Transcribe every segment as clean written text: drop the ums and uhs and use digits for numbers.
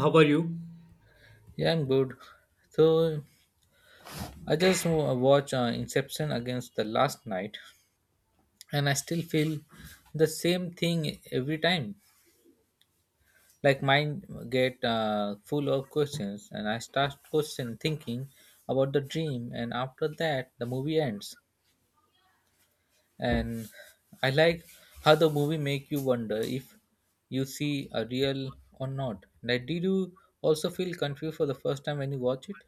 How are you? Yeah, I'm good. So, I watched Inception against the last night, and I still feel the same thing every time. Like mind get full of questions, and I start question thinking about the dream, and after that the movie ends. And I like how the movie make you wonder if you see a real or not. Like, did you also feel confused for the first time when you watch it?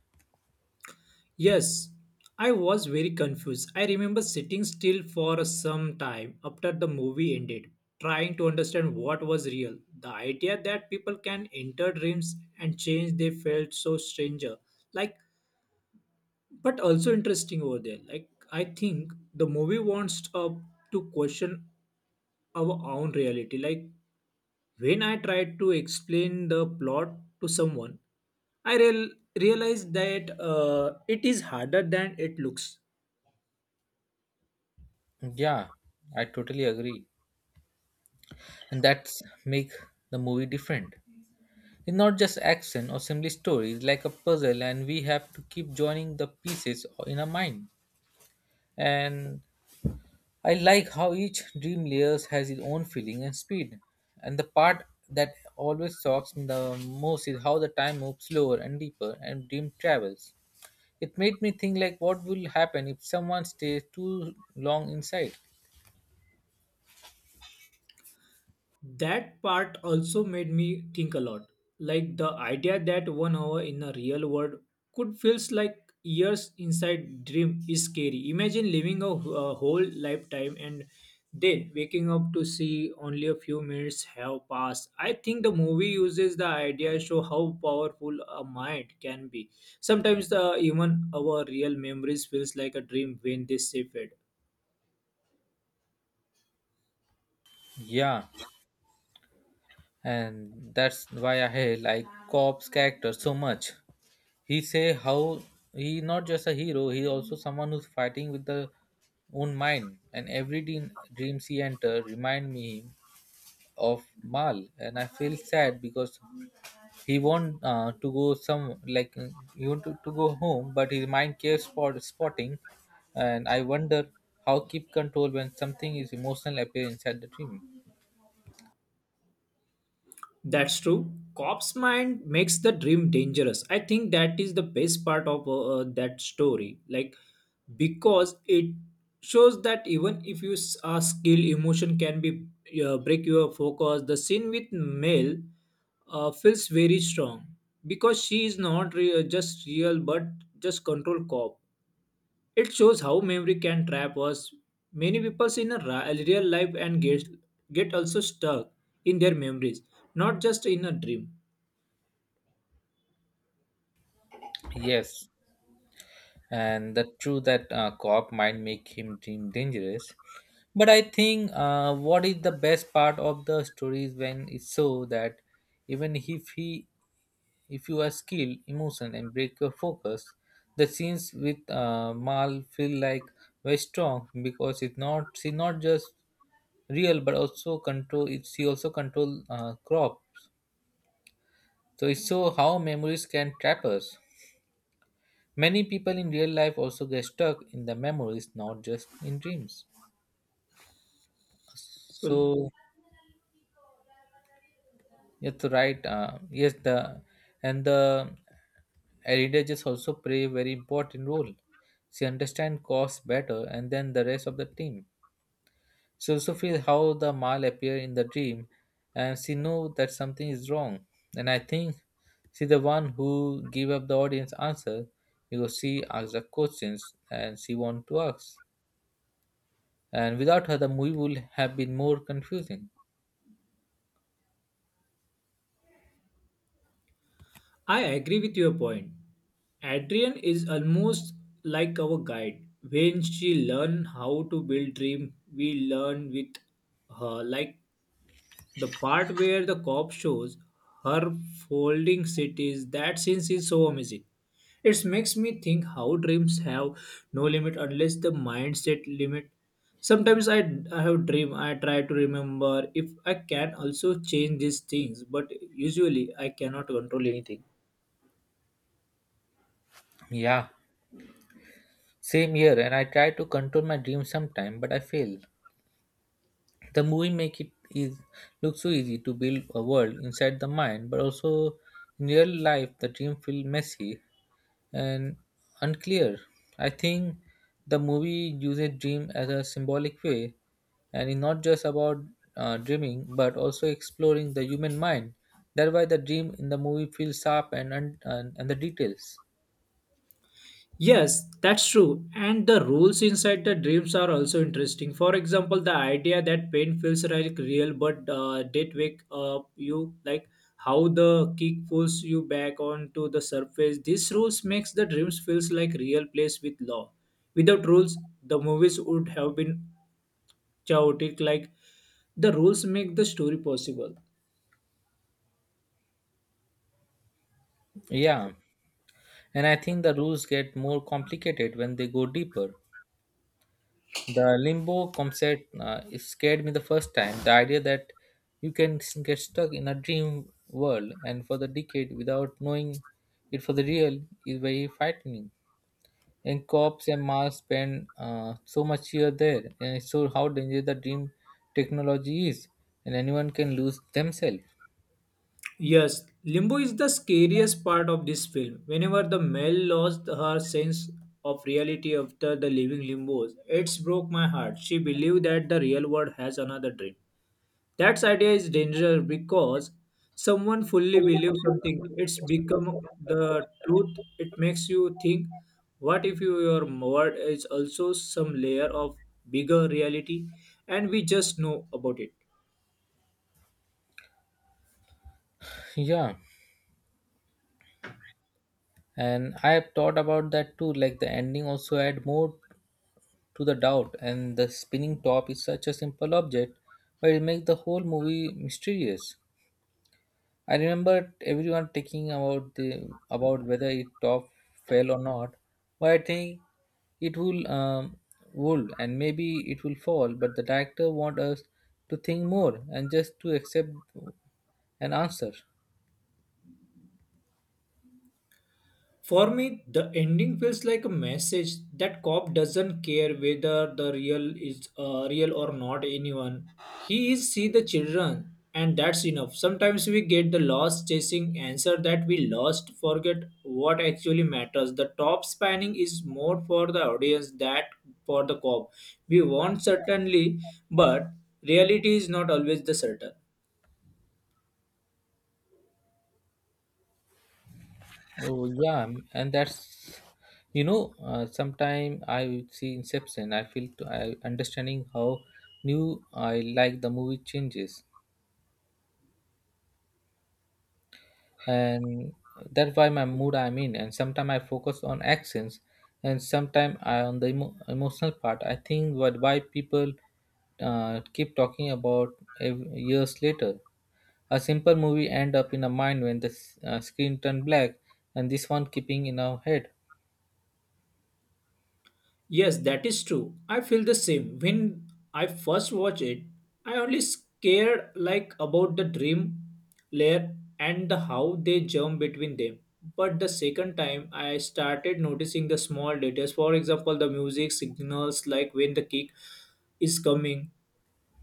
Yes, I was very confused. I remember sitting still for some time after the movie ended, trying to understand what was real. The idea that people can enter dreams and change they felt so stranger. Like, but also interesting over there. Like, I think the movie wants up to question our own reality. Like, when I tried to explain the plot to someone, I realized that it is harder than it looks. Yeah, I totally agree. And that's make the movie different. It's not just action or simply story. It's like a puzzle and we have to keep joining the pieces in our mind. And I like how each dream layers has its own feeling and speed, and the part that always shocks me the most is how the time moves slower and deeper and dream travels. It made me think like what will happen if someone stays too long inside. That part also made me think a lot, like the idea that 1 hour in a real world could feels like years inside dream is scary. Imagine living a whole lifetime and then waking up to see only a few minutes have passed. I think the movie uses the idea show how powerful a mind can be. Sometimes the even our real memories feels like a dream when they fade. Yeah, and that's why I hate, like, cop's character so much. He say how he not just a hero, he also someone who's fighting with the own mind, and every dreams he enter remind me of mal, and I feel sad because he want to go some like he want to go home but his mind keeps spotting, and I wonder how keep control when something is emotional appear inside the dream. That's true. Cops mind makes the dream dangerous. I think that is the best part of that story. Like because it shows that even if you are skill, emotion can be break your focus. The scene with Mel feels very strong because she is not just real but just control cop. It shows how memory can trap us. Many people in a real life and get also stuck in their memories, not just in a dream. Yes, and the true that co-op might make him dream dangerous. But I think what is the best part of the story is when it's so that even if you are skilled, emotion and break your focus. The scenes with Mal feel like very strong because it's not she not just real but also control. It, she also control crops. So it's so how memories can trap us. Many people in real life also get stuck in the memories, not just in dreams. So So Yes, right. Yes, the and the religious also play a very important role. She understand cause better, and then the rest of the team. She also feel how the mal appear in the dream, and she know that something is wrong. And I think she the one who give up the audience answer because she asked the questions and she want to ask. And without her, the movie would have been more confusing. I agree with your point. Adrian is almost like our guide. When she learn how to build dream, we learn with her, like the part where the cop shows her folding cities. That scene is so amazing. It makes me think how dreams have no limit unless the mindset limit. Sometimes I have dream. I try to remember if I can also change these things, but usually I cannot control anything. Yeah, same here. And I try to control my dream sometime, but I fail. The movie make it is look so easy to build a world inside the mind, but also in real life the dream feel messy and unclear. I think the movie uses dream as a symbolic way, and it's not just about dreaming but also exploring the human mind. That's why the dream in the movie feels sharp and the details. Yes, that's true. And the rules inside the dreams are also interesting. For example, the idea that pain feels like real but did wake up you, like how the kick pulls you back onto the surface. These rules makes the dreams feels like real place with law. Without rules, the movies would have been chaotic. Like the rules make the story possible. Yeah, and I think the rules get more complicated when they go deeper. The limbo concept, it scared me the first time. The idea that you can s- get stuck in a dream world and for the decade without knowing it for the real is very frightening. And cops and Mars spend so much here there, and it shows how dangerous the dream technology is, and anyone can lose themselves. Yes, Limbo is the scariest part of this film. Whenever the male lost her sense of reality after the living limbos, it's broke my heart. She believed that the real world has another dream. That idea is dangerous because someone fully believes something. It's become the truth. It makes you think, what if your word is also some layer of bigger reality and we just know about it? Yeah, and I have thought about that too. Like the ending also had more to the doubt, and the spinning top is such a simple object, but it makes the whole movie mysterious. I remember everyone taking about the about whether it top fell or not, but I think it will would, and maybe it will fall, but the director want us to think more and just to accept an answer. For me, the ending feels like a message that cop doesn't care whether the real is real or not. Anyone, he is see the children, and that's enough. Sometimes we get the lost chasing answer that we lost, forget what actually matters. The top spanning is more for the audience that for the cop. We want certainly, but reality is not always the certain. Oh yeah, and that's, sometime I see Inception. I feel to, I understanding how new I like the movie changes, and that's why my mood I'm in. And sometimes I focus on actions, and sometimes I on the emotional part. I think what why people keep talking about years later. A simple movie end up in a mind when the screen turned black, and this one keeping in our head. Yes, that is true. I feel the same. When I first watched it, I only scared like about the dream layer and the how they jump between them. But the second time I started noticing the small details. For example, the music signals like when the kick is coming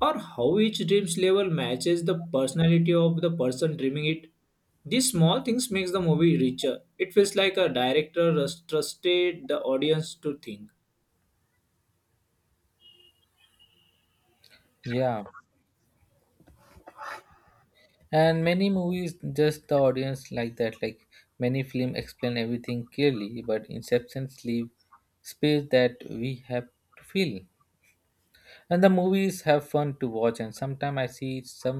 or how each dream's level matches the personality of the person dreaming it. These small things makes the movie richer. It feels like a director has trusted the audience to think. Yeah. And many movies just the audience like that. Like many film explain everything clearly, but inceptions leave space that we have to feel. And the movies have fun to watch, and sometimes I see some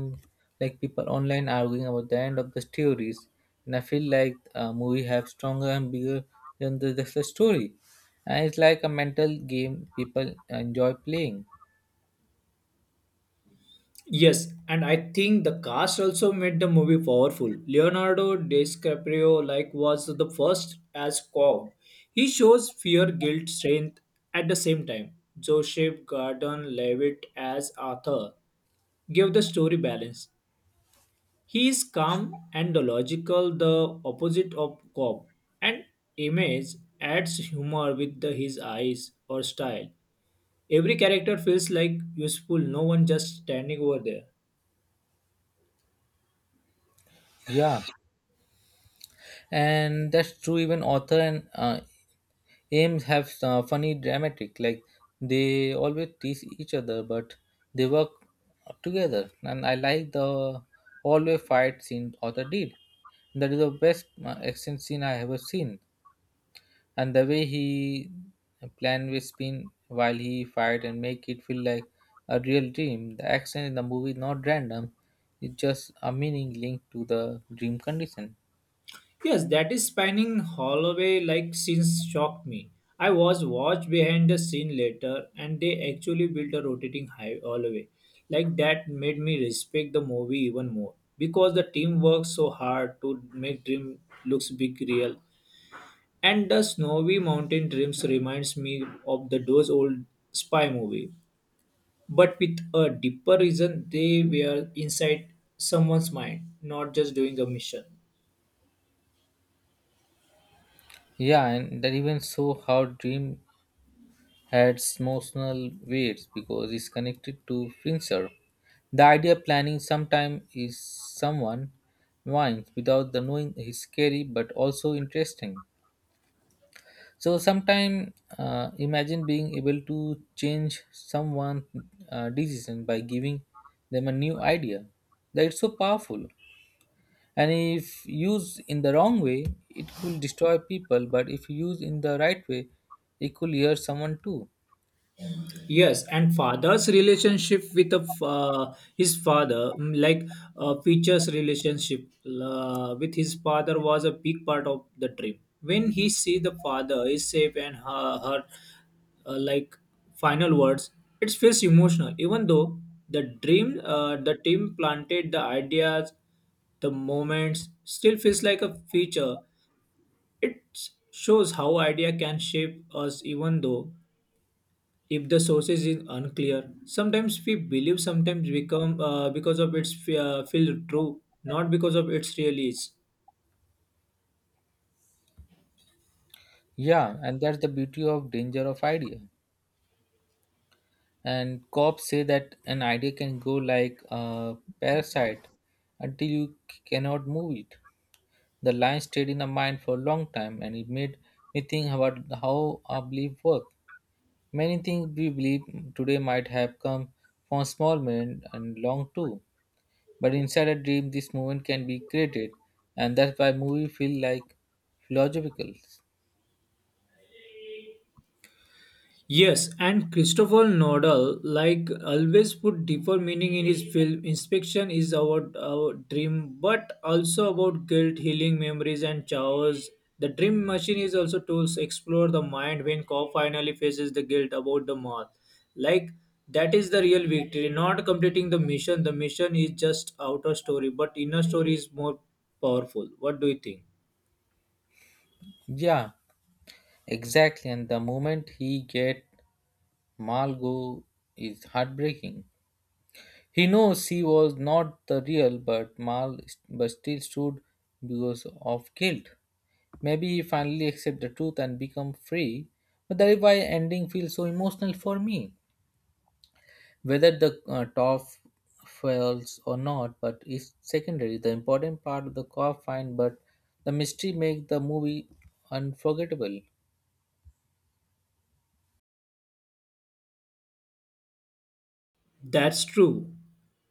like people online arguing about the end of the stories, and I feel like a movie have stronger and bigger than just the story. And it's like a mental game people enjoy playing. Yes, and I think the cast also made the movie powerful. Leonardo DiCaprio like was the first as Cobb. He shows fear, guilt, strength at the same time. Joseph Gordon-Levitt as Arthur gave the story balance. He is calm and logical, the opposite of Cobb. And Image adds humor with his eyes or style. Every character feels like useful, no one just standing over there. Yeah, and that's true. Even author and aims have funny dramatic. Like they always tease each other, but they work together. And I like the hallway fight scene author did. That is the best action scene I ever seen, and the way he plan with spin while he fight and make it feel like a real dream. The action in the movie is not random, it's just a meaning linked to the dream condition. Yes, that is spanning hallway like scenes shocked me. I was watched behind the scene later and they actually built a rotating high Holloway. Like that made me respect the movie even more because the team worked so hard to make dream looks big real. And the snowy mountain dreams reminds me of the those old spy movie, but with a deeper reason they were inside someone's mind, not just doing a mission. Yeah, and that even show how dream had emotional weights because it's connected to Fincher. The idea planning sometime is someone minds without the knowing is scary but also interesting. So sometime imagine being able to change someone' decision by giving them a new idea. That is so powerful. And if used in the wrong way, it will destroy people. But if used in the right way, it could hear someone too. Yes, and father's relationship with his father, like Peach's relationship with his father, was a big part of the trip. When he see the father is safe and her like final words, it feels emotional. Even though the team planted the ideas, the moments still feels like a feature. It shows how idea can shape us, even though if the sources is unclear. Sometimes we believe sometimes become because of its feel true, not because of its really is. Yeah, and that's the beauty of danger of idea. And cops say that an idea can go like a parasite until you cannot move it. The line stayed in the mind for a long time, and it made me think about how our belief work. Many things we believe today might have come from small moment and long too. But inside a dream, this moment can be created, and that's why movie feel like philosophical. Yes, and Christopher Nodal, like always, put deeper meaning in his film. Inspection is about our dream, but also about guilt, healing memories, and chaos. The dream machine is also tools explore the mind when Cobb finally faces the guilt about the moth. Like that is the real victory. Not completing the mission. The mission is just outer story, but inner story is more powerful. What do you think? Yeah, exactly. And the moment he get Malgo is heartbreaking. He knows she was not the real, but Mal but still stood because of guilt. Maybe he finally accept the truth and become free. But that is why ending feels so emotional for me. Whether the top fails or not, but it's secondary. The important part of the core fine, but the mystery makes the movie unforgettable. That's true.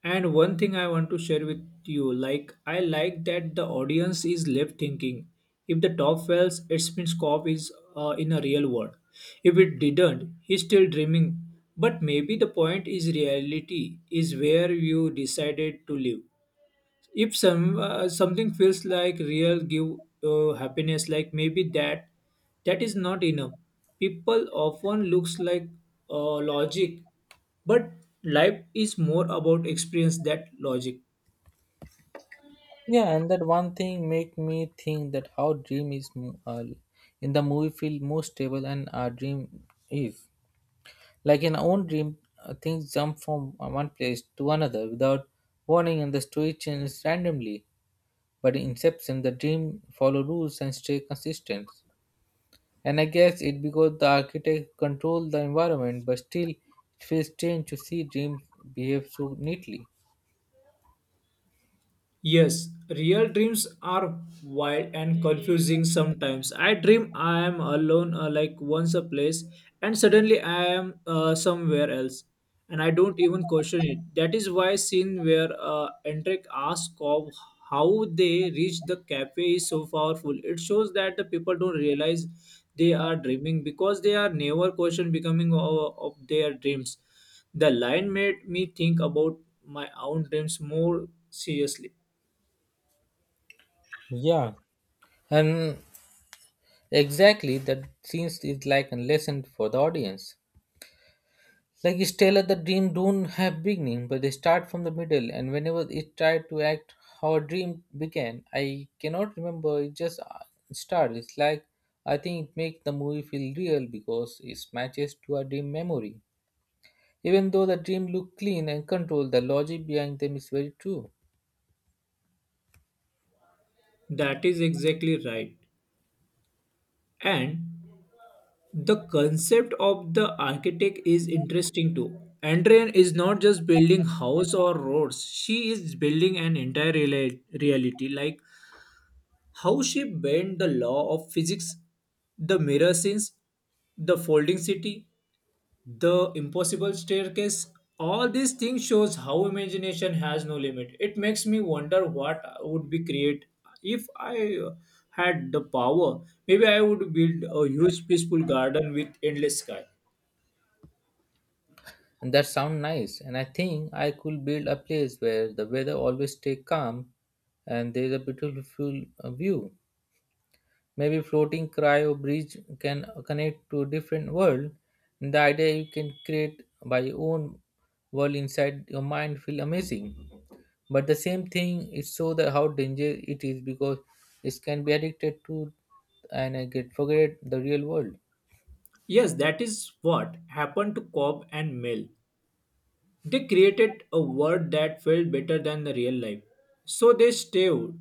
And one thing I want to share with you, like I like that the audience is left thinking. If the top fails, it means Cobb is in a real world. If it didn't, he's still dreaming. But maybe the point is reality is where you decided to live if something feels like real give happiness, like maybe that is not enough. People often looks like logic, but life is more about experience that logic. Yeah, and that one thing make me think that how dream is in the movie feel more stable and our dream is. Like in our own dream, things jump from one place to another without warning, and the story changes randomly. But in Inception, the dream follow rules and stay consistent. And I guess it because the architect control the environment, but still it feels strange to see dreams behave so neatly. Yes, real dreams are wild and confusing sometimes. I dream I am alone, like once a place, and suddenly I am somewhere else, and I don't even question it. That is why scene where Enric asks Cobb how they reach the cafe is so powerful. It shows that the people don't realize they are dreaming because they are never questioned becoming of their dreams. The line made me think about my own dreams more seriously. Yeah, and exactly, that scenes is like a lesson for the audience. Like Stella, the dream don't have beginning, but they start from the middle, and whenever it tried to act how a dream began, I cannot remember. It just started. It's like, I think it makes the movie feel real because it matches to our dream memory. Even though the dream look clean and controlled, the logic behind them is very true. That is exactly right. And the concept of the architect is interesting too. Andrian is not just building house or roads. She is building an entire reality, like how she bent the law of physics, the mirror scenes, the folding city, the impossible staircase. All these things shows how imagination has no limit. It makes me wonder what would be create if I had the power. Maybe I would build a huge peaceful garden with endless sky. And that sound nice. And I think I could build a place where the weather always stay calm and there is a beautiful view. Maybe floating cryo bridge can connect to a different world. And the idea you can create by your own world inside your mind feel amazing. But the same thing is so that how dangerous it is, because it can be addicted to and I get forget the real world. Yes, that is what happened to Cobb and mill. They created a world that felt better than the real life. So they stayed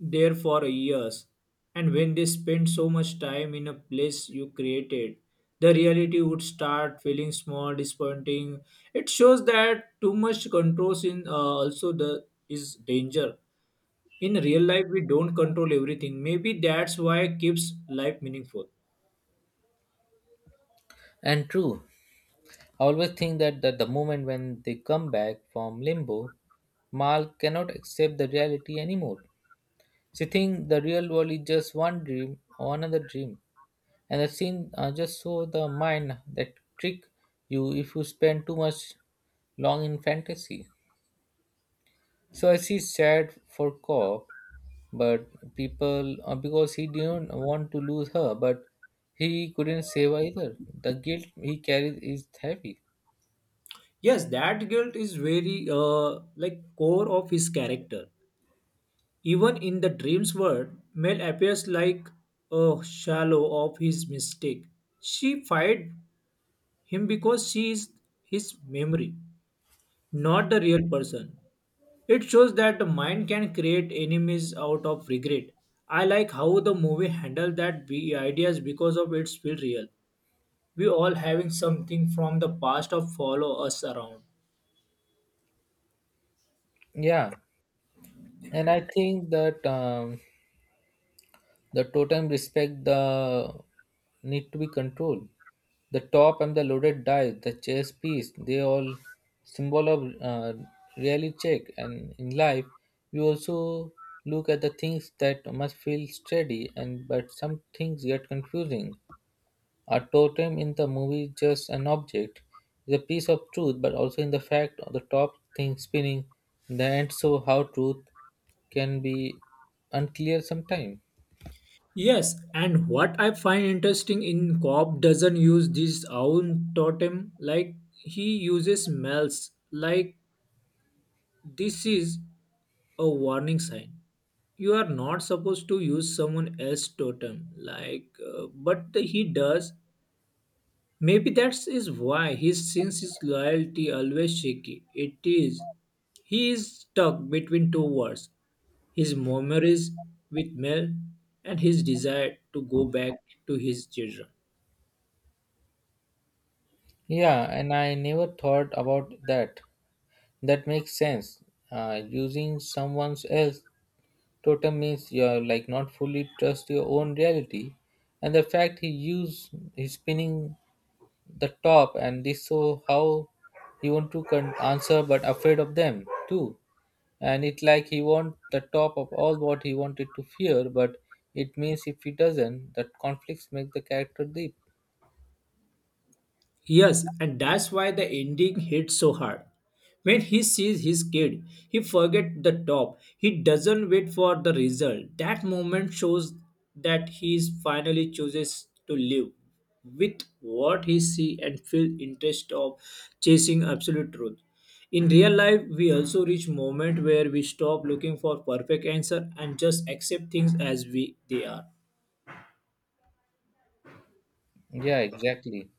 there for years. And when they spent so much time in a place you created, the reality would start feeling small, disappointing. It shows that too much control in also the is danger. In real life, we don't control everything. Maybe that's why it keeps life meaningful. And true, I always think that, that the moment when they come back from limbo, Mal cannot accept the reality anymore. She thinks the real world is just one dream or another dream. And the scene, just show the mind that trick you if you spend too much long in fantasy. So I see sad for Cobb, but people because he didn't want to lose her, but he couldn't save her either. The guilt he carries is heavy. Yes, that guilt is very like core of his character. Even in the dream's world, Mel appears like a shallow of his mistake. She fired him because she is his memory, not the real person. It shows that the mind can create enemies out of regret. I like how the movie handled that ideas because of its feel real. We all having something from the past of follow us around. Yeah, and I think that the totem respect the need to be controlled. The top and the loaded die, the chess piece, they all symbol of really check. And in life, you also look at the things that must feel steady and but some things get confusing. A totem in the movie is just an object, is a piece of truth, but also in the fact of the top thing spinning in the end so how truth can be unclear sometimes. Yes, and what I find interesting in Cobb doesn't use his own totem like he uses smells, like this is a warning sign. You are not supposed to use someone else's totem like but he does. Maybe that's is why his since his loyalty always shaky. It is he is stuck between two worlds, his memories with Mel and his desire to go back to his children. Yeah, and I never thought about that. That makes sense. Using someone's else totem means you're like not fully trust your own reality, and the fact he used he's spinning the top and this so how he want to answer but afraid of them too. And it like he want the top of all what he wanted to fear but it means if he doesn't that conflicts make the character deep. Yes, and that's why the ending hits so hard. When he sees his kid, he forgets the top. He doesn't wait for the result. That moment shows that he is finally chooses to live with what he see and feel interest of chasing absolute truth. In real life, we also reach moment where we stop looking for perfect answer and just accept things as we they are. Yeah, exactly.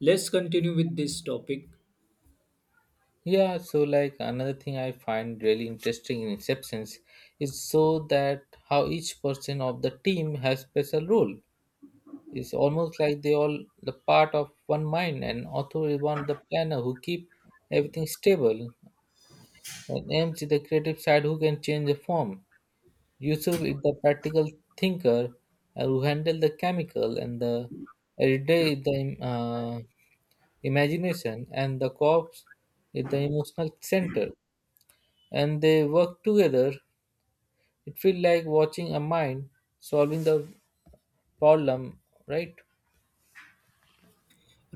Let's continue with this topic. Yeah, so like another thing I find really interesting in inceptions is so that how each person of the team has special role. It's almost like they all the part of one mind, and author is one of the planner who keep everything stable, and mc the creative side who can change the form. Yusuf is the practical thinker, who handle the chemical and the everyday is the uh, imagination and the corpse is the emotional center, and they work together. It feels like watching a mind solving the problem, right?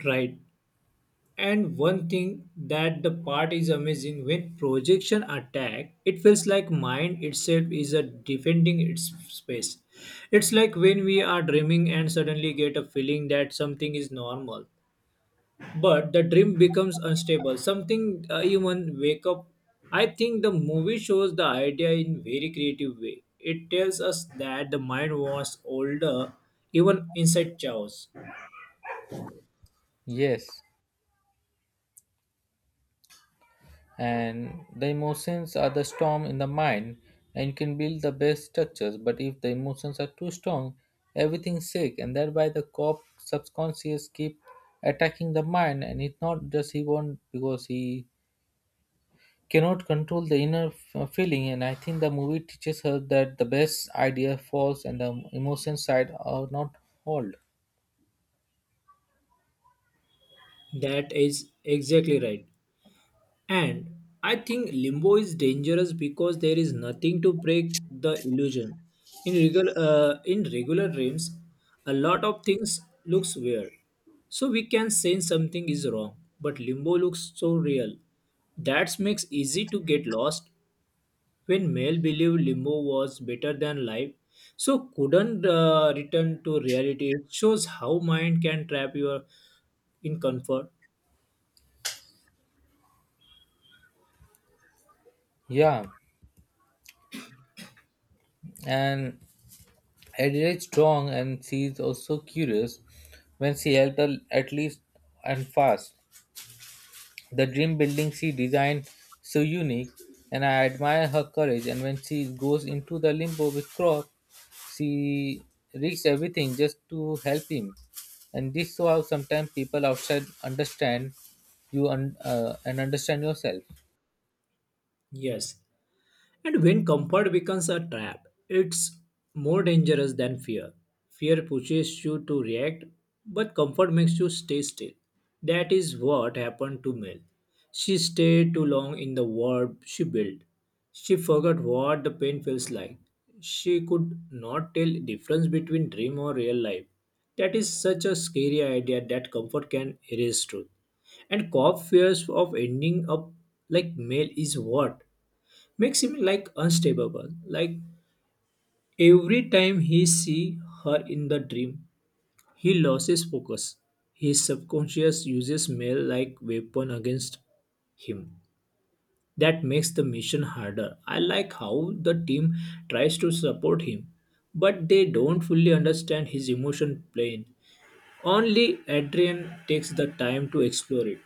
Right. And one thing that the part is amazing when projection attack, it feels like mind itself is a defending its space. It's like when we are dreaming and suddenly get a feeling that something is normal, but the dream becomes unstable. Something even wake up. I think the movie shows the idea in very creative way. It tells us that the mind was older even inside chaos. Yes, and the emotions are the storm in the mind, and you can build the best structures but if the emotions are too strong everything sick, and thereby the cop subconscious keep attacking the mind. And it's not just he won't because he cannot control the inner feeling. And I think the movie teaches her that the best idea falls and the emotion side are not hold. That is exactly right. And I think limbo is dangerous because there is nothing to break the illusion. In regular dreams, a lot of things looks weird. So we can sense something is wrong, but limbo looks so real. That makes easy to get lost when Mel believed limbo was better than life. So couldn't return to reality. It shows how mind can trap you in comfort. Yeah, and Adira is strong and she is also curious when she helped her at least and fast. The dream building she designed so unique, and I admire her courage. And when she goes into the limbo with Crop, she risks everything just to help him. And this shows how sometimes people outside understand you and understand yourself. Yes, and when comfort becomes a trap, it's more dangerous than fear. Fear pushes you to react, but comfort makes you stay still. That is what happened to Mel. She stayed too long in the world she built. She forgot what the pain feels like. She could not tell difference between dream or real life. That is such a scary idea that comfort can erase truth. And cop fears of ending up like Mel is what makes him like unstable. Like every time he see her in the dream, he loses focus. His subconscious uses male like weapon against him. That makes the mission harder. I like how the team tries to support him, but they don't fully understand his emotion plane. Only Adrian takes the time to explore it.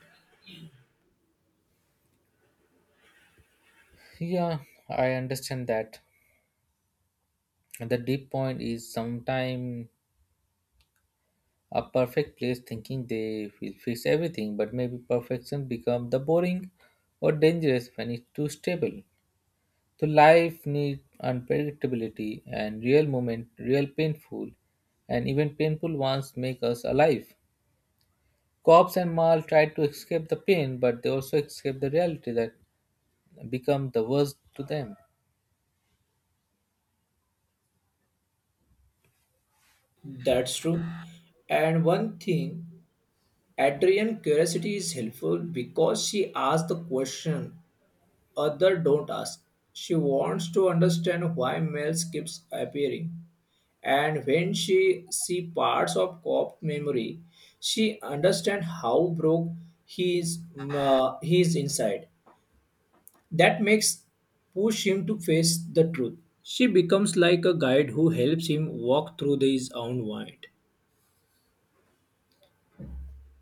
Yeah, I understand that. And the deep point is sometimes a perfect place thinking they will fix everything, but maybe perfection become the boring or dangerous when it's too stable. So life needs unpredictability and real moment real painful, and even painful ones make us alive. Cops and mal try to escape the pain, but they also escape the reality that become the worst to them. That's true. And one thing, Adrian's curiosity is helpful because she asks the question other don't ask. She wants to understand why Miles keeps appearing. And when she see parts of Cop's memory, she understands how broke he is inside. That makes push him to face the truth. She becomes like a guide who helps him walk through his own mind.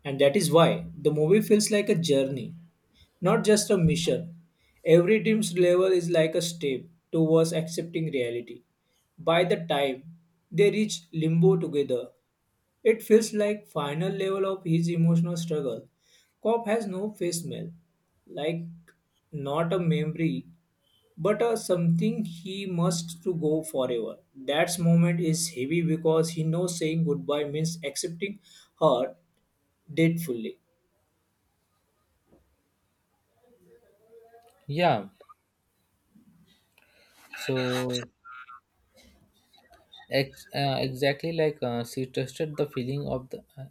And that is why the movie feels like a journey, not just a mission. Every dream's level is like a step towards accepting reality. By the time they reach limbo together, it feels like final level of his emotional struggle. Cop has no face mail, like not a memory, but a something he must to go forever. That moment is heavy because he knows saying goodbye means accepting her dead fully. Yeah, so exactly, like she trusted the feeling of the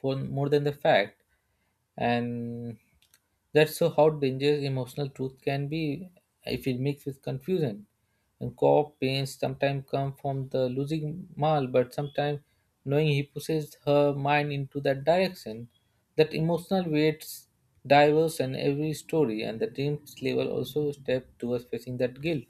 for more than the fact. And that's so how dangerous emotional truth can be if it mixed with confusion. And co pains sometimes come from the losing mal, but sometimes knowing he pushes her mind into that direction. That emotional weights diverse in every story, and the dreams level also step towards facing that guilt.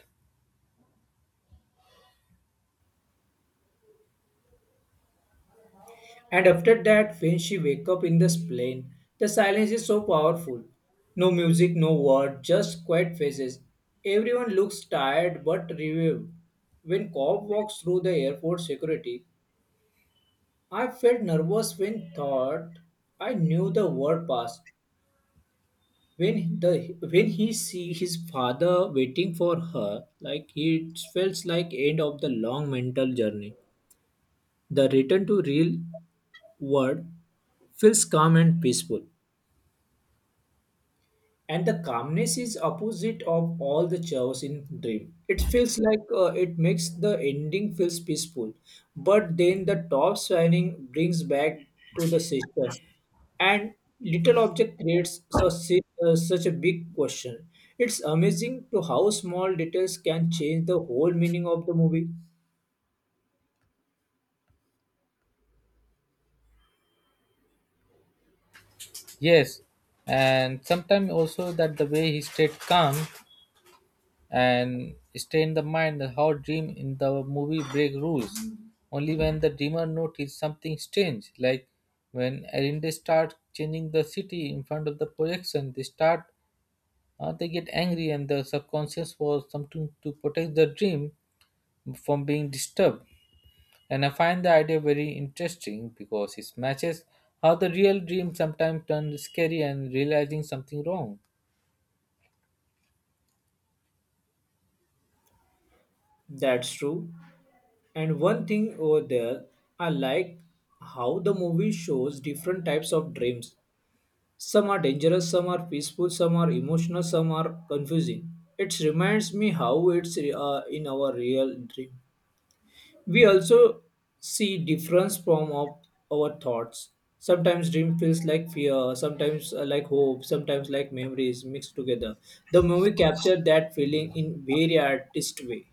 And after that, when she wake up in this plane, the silence is so powerful. No music, no word, just quiet faces. Everyone looks tired but relieved. When cop walks through the airport security, I felt nervous when thought I knew the word pass. When the when he see his father waiting for her, like he feels like end of the long mental journey. The return to real world feels calm and peaceful. And the calmness is opposite of all the chaos in dream. It feels like, it makes the ending feels peaceful. But then the top shining brings back to the sister, and little object creates such a big question. It's amazing to how small details can change the whole meaning of the movie. Yes, and sometimes also that the way he stayed calm and stay in the mind how dream in the movie break rules only when the dreamer notice something strange. Like when Arinde start changing the city in front of the projection they start, they get angry and the subconscious was something to protect the dream from being disturbed. And I find the idea very interesting because it matches how the real dream sometimes turns scary and realizing something wrong. That's true. And one thing over there, I like how the movie shows different types of dreams. Some are dangerous, some are peaceful, some are emotional, some are confusing. It reminds me how it's, in our real dream. We also see difference from of our thoughts. Sometimes dream feels like fear, sometimes like hope, sometimes like memories mixed together. The movie captured that feeling in very artist way.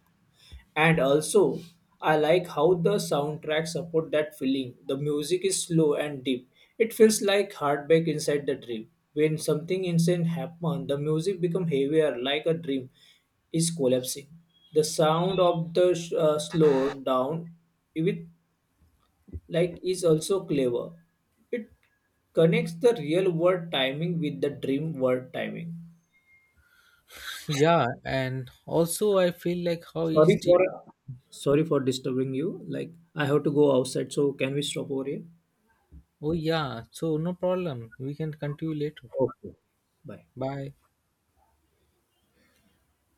And also, I like how the soundtrack support that feeling. The music is slow and deep. It feels like heartbreak inside the dream. When something insane happens, the music becomes heavier, like a dream is collapsing. The sound of the slow down, with like is also clever. It connects the real world timing with the dream world timing. Yeah, and also I feel like how Sorry each for dream. sorry for disturbing you. Like I have to go outside, so can we stop over here? Oh yeah, so no problem. We can continue later. Bye. Bye.